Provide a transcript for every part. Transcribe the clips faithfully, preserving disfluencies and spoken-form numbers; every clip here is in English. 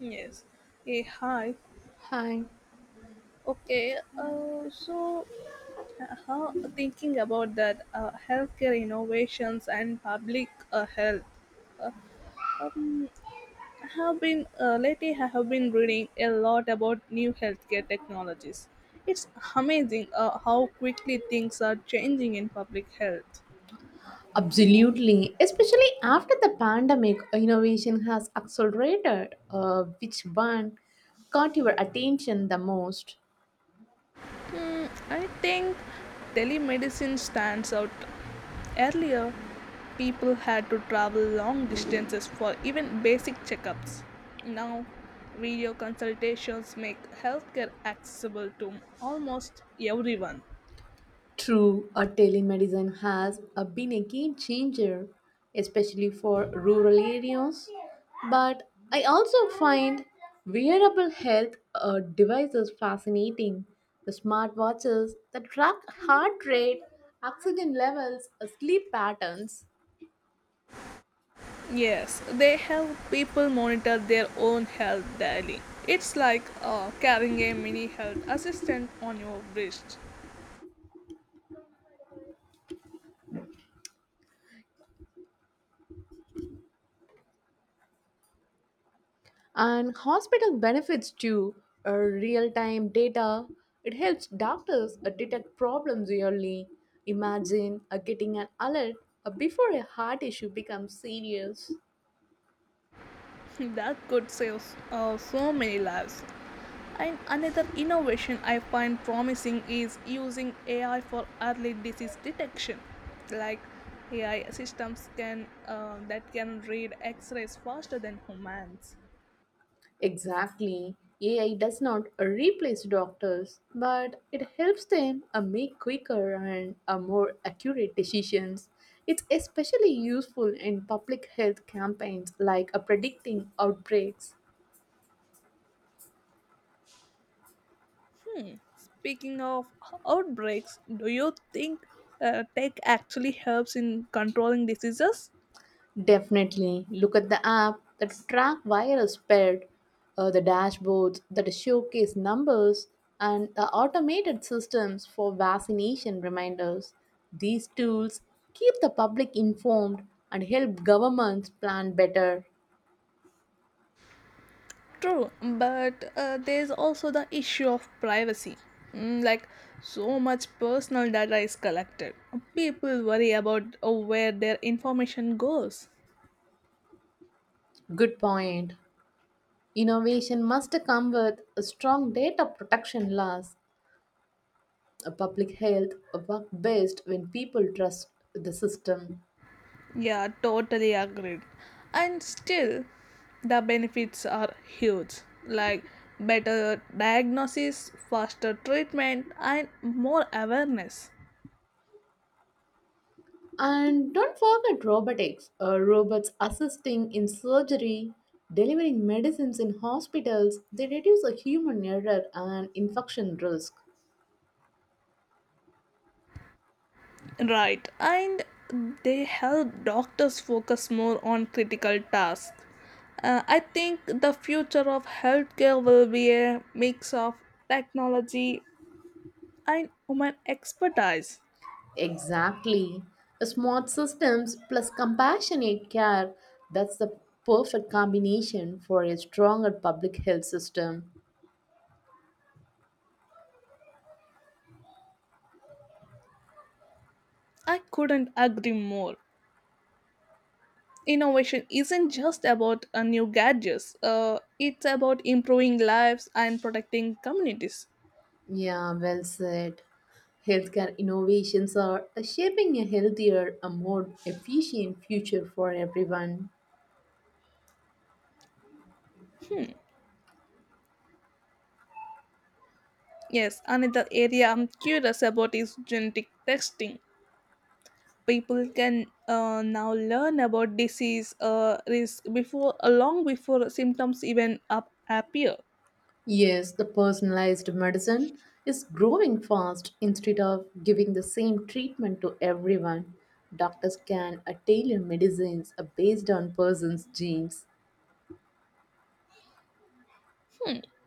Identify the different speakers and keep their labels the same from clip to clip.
Speaker 1: Yes. Eh, hi.
Speaker 2: Hi.
Speaker 1: Okay. Uh, so, uh, how, thinking about that uh, healthcare innovations and public uh, health, uh, um, have been uh, lately I have been reading a lot about new healthcare technologies. It's amazing uh, how quickly things are changing in public health.
Speaker 2: Absolutely. Especially after the pandemic, innovation has accelerated. Uh, which one caught your attention the most?
Speaker 1: Hmm, I think telemedicine stands out. Earlier, people had to travel long distances for even basic checkups. Now, video consultations make healthcare accessible to almost everyone.
Speaker 2: True, uh, telemedicine has uh, been a game changer, especially for rural areas. But I also find wearable health uh, devices fascinating. The smartwatches that track heart rate, oxygen levels, uh, sleep patterns.
Speaker 1: Yes, they help people monitor their own health daily. It's like uh, carrying a mini health assistant on your wrist.
Speaker 2: And hospital benefits too, uh, real time data. It helps doctors uh, detect problems early. Imagine uh, getting an alert uh, before a heart issue becomes serious.
Speaker 1: That could save uh, so many lives. And another innovation I find promising is using A I for early disease detection. Like AI systems can uh, that can read X-rays faster than humans.
Speaker 2: Exactly. A I does not uh, replace doctors, but it helps them uh, make quicker and uh, more accurate decisions. It's especially useful in public health campaigns like uh, predicting outbreaks.
Speaker 1: Speaking of outbreaks, do you think uh, tech actually helps in controlling diseases?
Speaker 2: Definitely. Look at the app that track viral spread, uh, the dashboards that showcase numbers, and the automated systems for vaccination reminders. These tools keep the public informed and help governments plan better.
Speaker 1: True, but uh, there's also the issue of privacy. Mm, like, so much personal data is collected. People worry about uh, where their information goes.
Speaker 2: Good point. Innovation must come with a strong data protection laws. A public health work best when people trust the system.
Speaker 1: Yeah, totally agreed. And still, the benefits are huge, like better diagnosis, faster treatment, and more awareness.
Speaker 2: And don't forget robotics, uh, robots assisting in surgery, delivering medicines in hospitals, they reduce a human error and infection risk.
Speaker 1: Right, and they help doctors focus more on critical tasks. Uh, I think the future of healthcare will be a mix of technology and human expertise.
Speaker 2: Exactly. Smart systems plus compassionate care, that's the perfect combination for a stronger public health system.
Speaker 1: I couldn't agree more. Innovation isn't just about uh, new gadgets, uh, it's about improving lives and protecting communities.
Speaker 2: Yeah, well said. Healthcare innovations are shaping a healthier, a more efficient future for everyone.
Speaker 1: Yes, another area I'm curious about is genetic testing. People can uh, now learn about disease uh, risk before uh, long before symptoms even up appear.
Speaker 2: Yes, the personalized medicine is growing fast. Instead of giving the same treatment to everyone, doctors can uh, tailor medicines uh, based on person's genes.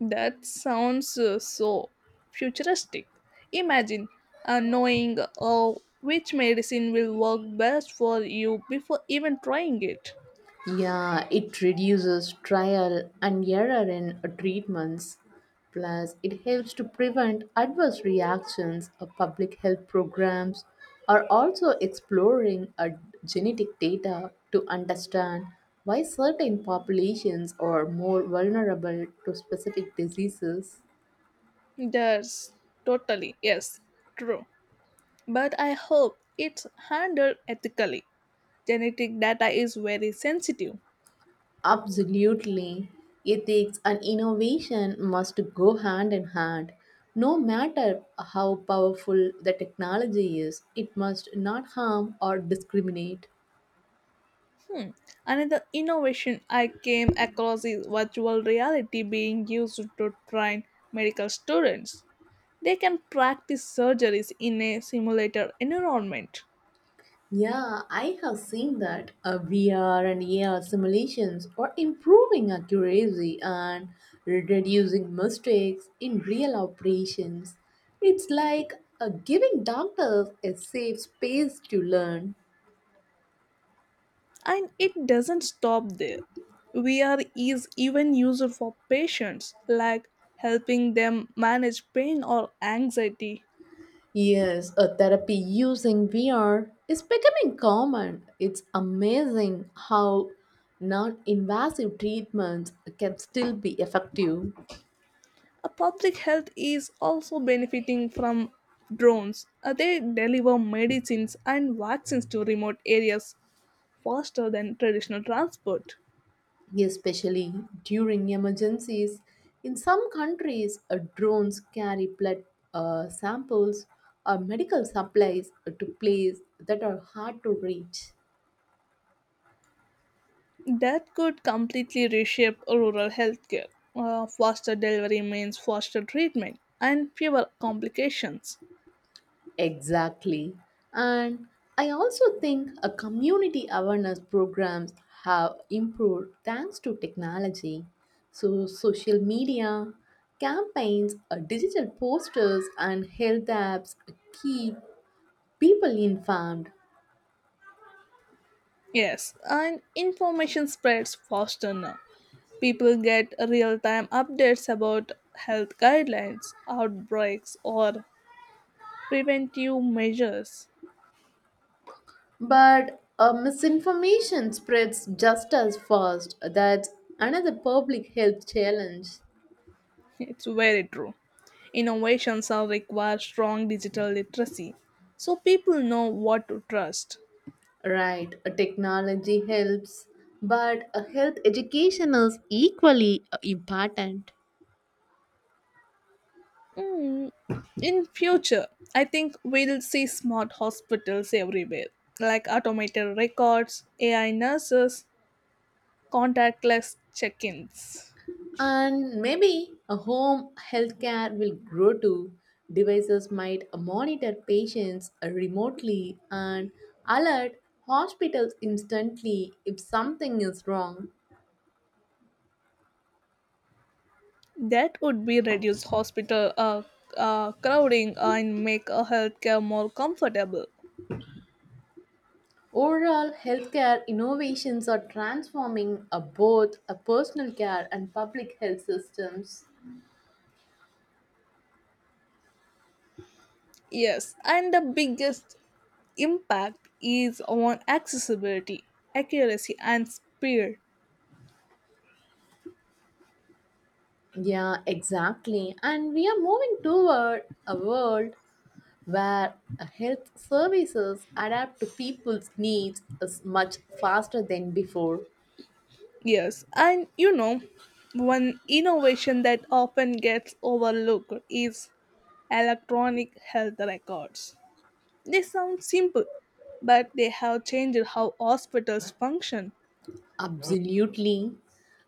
Speaker 1: That sounds uh, so futuristic. Imagine uh, knowing uh, which medicine will work best for you before even trying it.
Speaker 2: Yeah, it reduces trial and error in treatments. Plus, it helps to prevent adverse reactions. Uh, Public health programs are also exploring uh, genetic data to understand why certain populations are more vulnerable to specific diseases.
Speaker 1: That's totally, yes, true, but I hope it's handled ethically. Genetic data is very sensitive.
Speaker 2: Absolutely. Ethics and innovation must go hand in hand. No matter how powerful the technology is, it must not harm or discriminate.
Speaker 1: Hmm. Another innovation I came across is virtual reality being used to train medical students. They can practice surgeries in a simulated environment.
Speaker 2: Yeah, I have seen that uh, V R and A R simulations are improving accuracy and reducing mistakes in real operations. It's like uh, giving doctors a safe space to learn.
Speaker 1: And it doesn't stop there. V R is even used for patients, like helping them manage pain or anxiety.
Speaker 2: Yes, a therapy using V R is becoming common. It's amazing how non invasive treatments can still be effective,
Speaker 1: Uh, public health is also benefiting from drones. Uh, they deliver medicines and vaccines to remote areas faster than traditional transport.
Speaker 2: especially during emergencies. In some countries, uh, drones carry blood uh, samples or medical supplies to places that are hard to reach.
Speaker 1: That could completely reshape rural healthcare. Uh, faster delivery means faster treatment and fewer complications.
Speaker 2: Exactly. And I also think a community awareness programs have improved thanks to technology. So social media, campaigns, uh, digital posters and health apps keep people informed.
Speaker 1: Yes, and information spreads faster now. People get real time updates about health guidelines, outbreaks, or preventive measures.
Speaker 2: But uh, misinformation spreads just as fast. That's another public health challenge.
Speaker 1: It's very true. Innovations are require strong digital literacy so people know what to trust.
Speaker 2: Right, a technology helps, but a health education is equally uh, important.
Speaker 1: Mm, in future I think we'll see smart hospitals everywhere, like automated records, AI nurses, contactless check-ins.
Speaker 2: And maybe a home healthcare will grow too. Devices might monitor patients remotely and alert hospitals instantly if something is wrong.
Speaker 1: That would be reduce hospital uh, uh, crowding and make a healthcare more comfortable.
Speaker 2: Overall, healthcare innovations are transforming uh, both a personal care and public health systems.
Speaker 1: Yes, and the biggest impact is on accessibility, accuracy and speed.
Speaker 2: Yeah, exactly. And we are moving toward a world where health services adapt to people's needs as much faster than before.
Speaker 1: Yes, and you know, one innovation that often gets overlooked is electronic health records. They sound simple, but they have changed how hospitals function.
Speaker 2: Absolutely.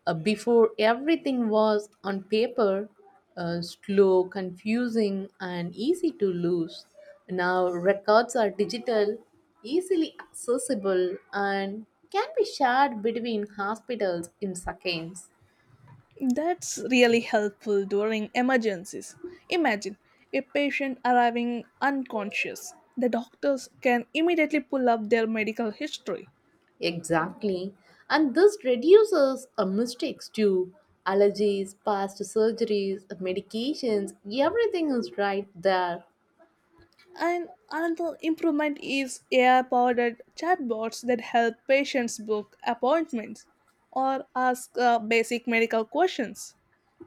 Speaker 2: Uh, before everything was on paper, uh, slow, confusing, and easy to lose. Now records are digital, easily accessible, and can be shared between hospitals in seconds.
Speaker 1: That's really helpful during emergencies. Imagine a patient arriving unconscious. The doctors can immediately pull up their medical history.
Speaker 2: Exactly. And this reduces uh, mistakes too. Allergies, past surgeries, medications, everything is right there.
Speaker 1: And another improvement is A I powered chatbots that help patients book appointments or ask uh, basic medical questions.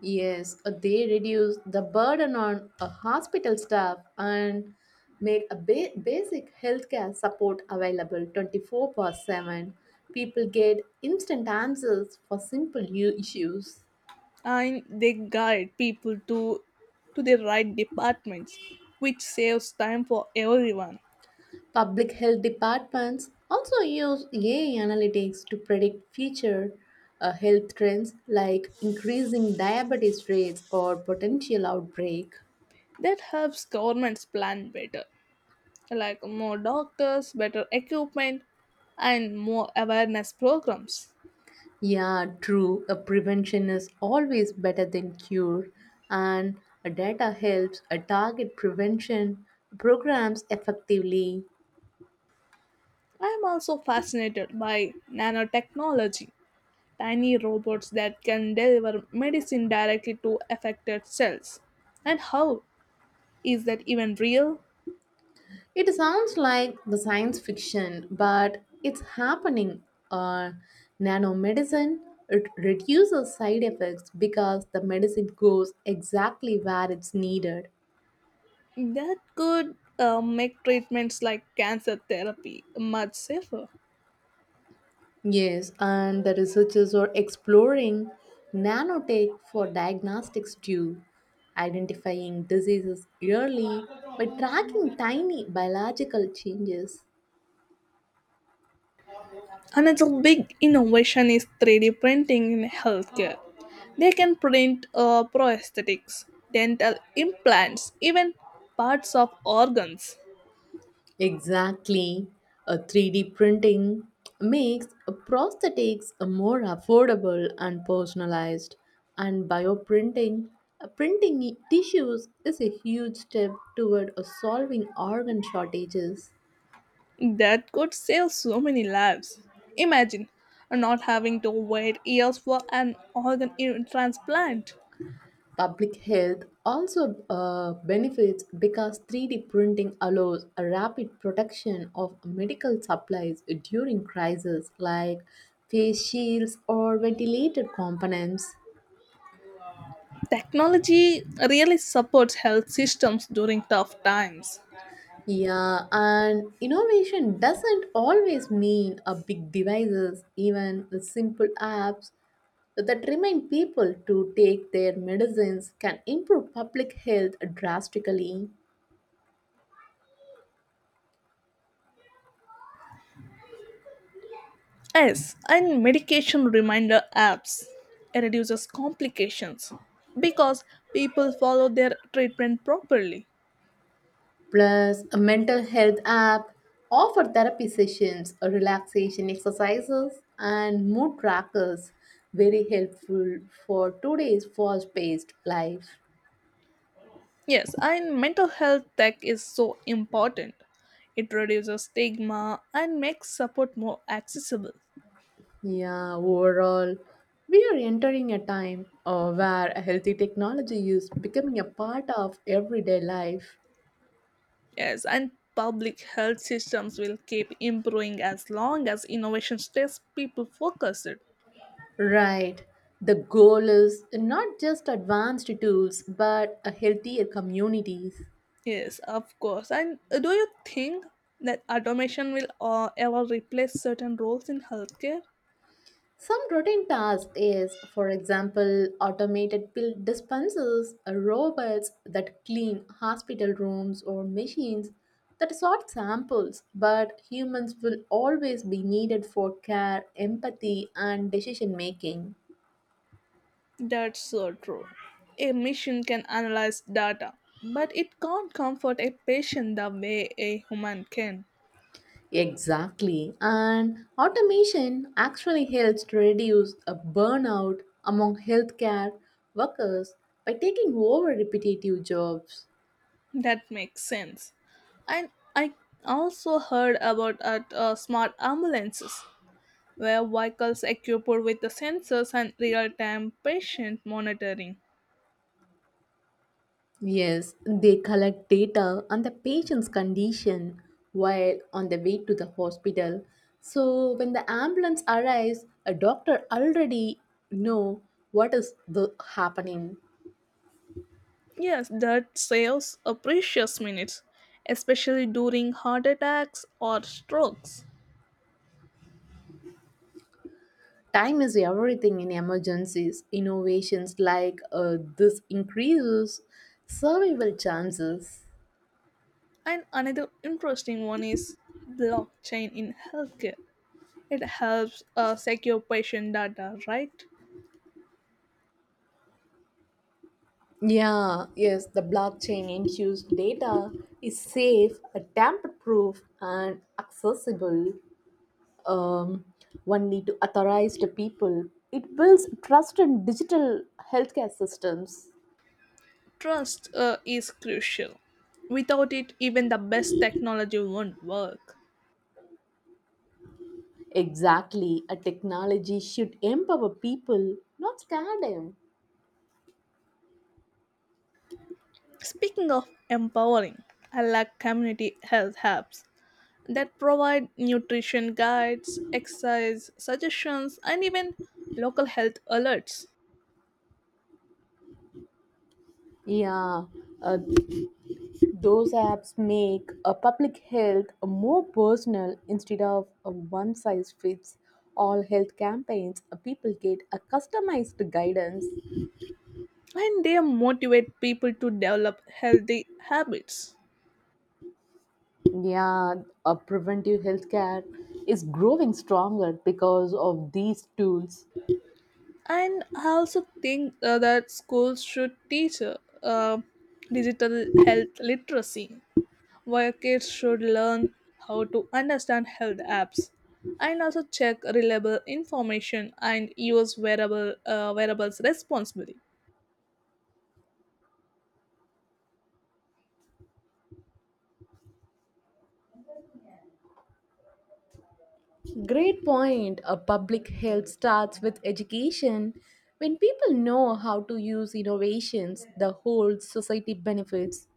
Speaker 2: Yes, uh, they reduce the burden on a hospital staff and make a ba- basic healthcare support available twenty-four per seven. People get instant answers for simple u- issues.
Speaker 1: And they guide people to, to the right departments, which saves time for everyone.
Speaker 2: Public health departments also use A I analytics to predict future uh, health trends like increasing diabetes rates or potential outbreak.
Speaker 1: That helps governments plan better, like more doctors, better equipment, and more awareness programs.
Speaker 2: Yeah, true. A prevention is always better than cure, and a data helps a target prevention programs effectively.
Speaker 1: I am also fascinated by nanotechnology, tiny robots that can deliver medicine directly to affected cells. And how is that even real?
Speaker 2: It sounds like the science fiction, but it's happening. Uh, Nanomedicine, it reduces side effects because the medicine goes exactly where it's needed.
Speaker 1: That could uh, make treatments like cancer therapy much safer.
Speaker 2: Yes, and the researchers are exploring nanotech for diagnostics too, identifying diseases early by tracking tiny biological changes.
Speaker 1: Another big innovation is three D printing in healthcare. They can print uh, prosthetics, dental implants, even parts of organs.
Speaker 2: Exactly. A three D printing makes prosthetics more affordable and personalized, and bioprinting, uh, printing tissues is a huge step toward uh, solving organ shortages.
Speaker 1: That could save so many lives. Imagine not having to wait years for an organ i- transplant.
Speaker 2: Public health also uh, benefits because three D printing allows a rapid production of medical supplies during crises like face shields or ventilator components.
Speaker 1: Technology really supports health systems during tough times.
Speaker 2: Yeah, and innovation doesn't always mean a big devices, even the simple apps that remind people to take their medicines can improve public health drastically.
Speaker 1: Yes, and medication reminder apps. It reduces complications because people follow their treatment properly.
Speaker 2: Plus, a mental health app offer therapy sessions, relaxation exercises, and mood trackers, very helpful for today's fast-paced life.
Speaker 1: Yes, and mental health tech is so important. It reduces stigma and makes support more accessible.
Speaker 2: Yeah, overall, we are entering a time uh, where a healthy technology is becoming a part of everyday life.
Speaker 1: Yes, and public health systems will keep improving as long as innovation stays people focused.
Speaker 2: Right. The goal is not just advanced tools, but a healthier communities.
Speaker 1: Yes, of course. And uh, do you think that automation will uh, ever replace certain roles in healthcare?
Speaker 2: Some routine task is, for example, automated pill dispensers, uh, robots that clean hospital rooms, or machines that sort samples. But humans will always be needed for care, empathy, and decision making.
Speaker 1: That's so true. A machine can analyze data, but it can't comfort a patient the way a human can.
Speaker 2: Exactly. And automation actually helps to reduce a burnout among healthcare workers by taking over repetitive jobs.
Speaker 1: That makes sense. And I also heard about uh, uh, smart ambulances where vehicles equipped with the sensors and real-time patient monitoring.
Speaker 2: Yes, they collect data on the patient's condition while on the way to the hospital. So when the ambulance arrives, a doctor already know what is the happening.
Speaker 1: Yes, that saves a precious minutes, especially during heart attacks or strokes.
Speaker 2: Time is everything in emergencies. Innovations like uh, this increases survival chances.
Speaker 1: And another interesting one is blockchain in healthcare. It helps uh, secure patient data, right?
Speaker 2: Yeah, yes, the blockchain infused data is safe, tamper proof, and accessible. um, One need to authorize the people. It builds trust in digital healthcare systems.
Speaker 1: Trust uh, is crucial. Without it, even the best technology won't work.
Speaker 2: Exactly, a technology should empower people, not scare them.
Speaker 1: Speaking of empowering, I like community health hubs that provide nutrition guides, exercise suggestions, and even local health alerts.
Speaker 2: Yeah, uh, those apps make uh, public health more personal instead of a one size fits all health campaigns. Uh, people get a customized guidance.
Speaker 1: And they motivate people to develop healthy habits.
Speaker 2: Yeah, uh, preventive healthcare is growing stronger because of these tools.
Speaker 1: And I also think uh, that schools should teach uh, uh, digital health literacy, where kids should learn how to understand health apps and also check reliable information and use wearable uh, wearables responsibly.
Speaker 2: Great point. A public health starts with education. When people know how to use innovations, the whole society benefits.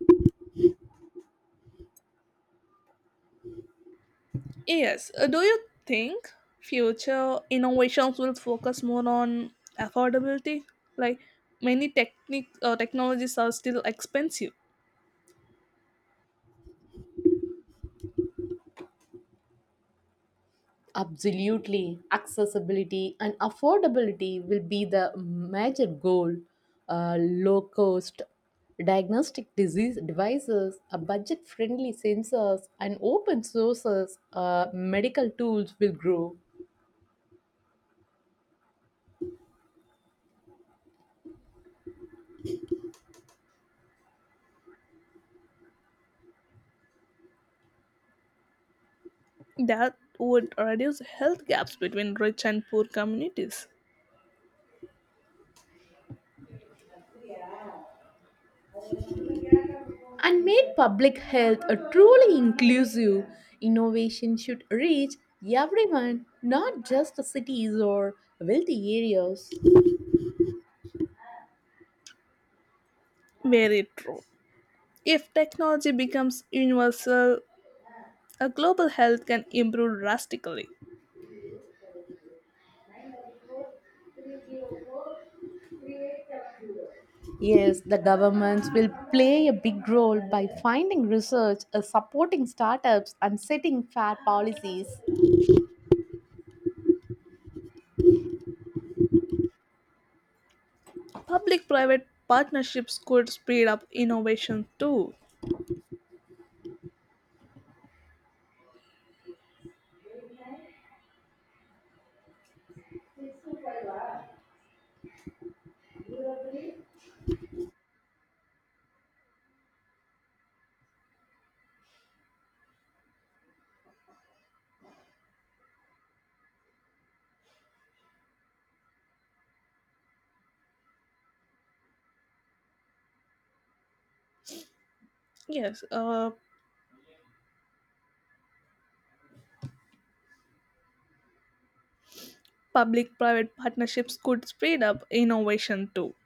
Speaker 1: Yes. Uh, do you think future innovations will focus more on affordability? Like many technique uh, technologies are still expensive.
Speaker 2: Absolutely. Accessibility and affordability will be the major goal. Uh, low cost diagnostic disease devices, uh, budget friendly sensors, and open sources uh, medical tools will grow.
Speaker 1: That would reduce health gaps between rich and poor communities.
Speaker 2: And make public health a truly inclusive innovation should reach everyone, not just the cities or wealthy areas.
Speaker 1: Very true. If technology becomes universal, a global health can improve drastically.
Speaker 2: Yes, the governments will play a big role by finding research, uh, supporting startups, and setting fair policies.
Speaker 1: Public private partnerships could speed up innovation too. Yes, uh, public private partnerships could speed up innovation too.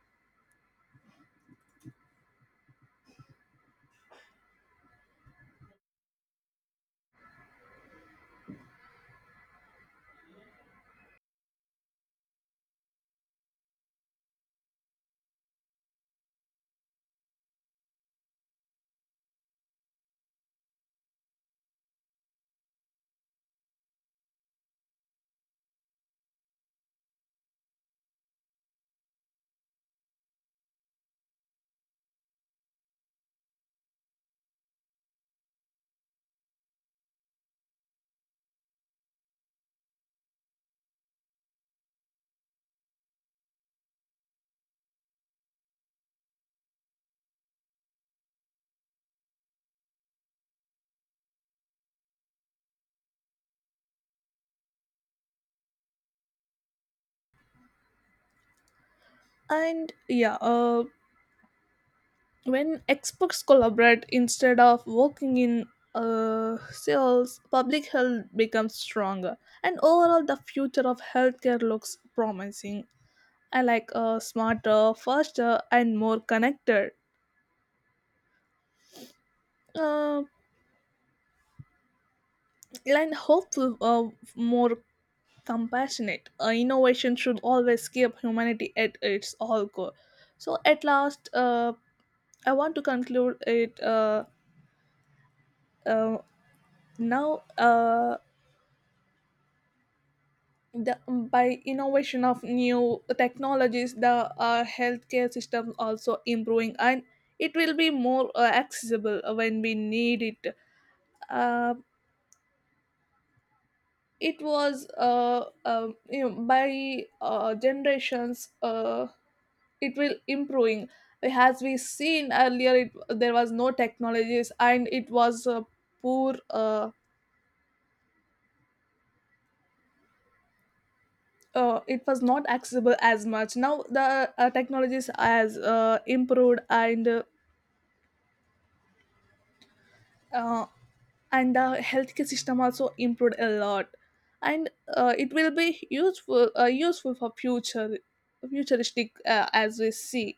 Speaker 1: And yeah uh, when experts collaborate instead of working in uh, sales, public health becomes stronger. And overall, the future of healthcare looks promising. I like, uh, smarter, faster and more connected uh, and hopeful uh, more compassionate. Uh, innovation should always keep humanity at its all core. So at last uh, I want to conclude it uh, uh, now uh, the, by innovation of new technologies the uh, healthcare system also improving, and it will be more uh, accessible uh, when we need it. uh, it was uh, um you know, by uh, generations uh, it will improving. As we seen earlier it, there was no technologies and it was uh, poor. Uh, uh, it was not accessible as much. Now the uh, technologies has uh, improved, and uh, and the healthcare system also improved a lot. And uh, it will be useful, uh, useful for future futuristic, uh, as we see.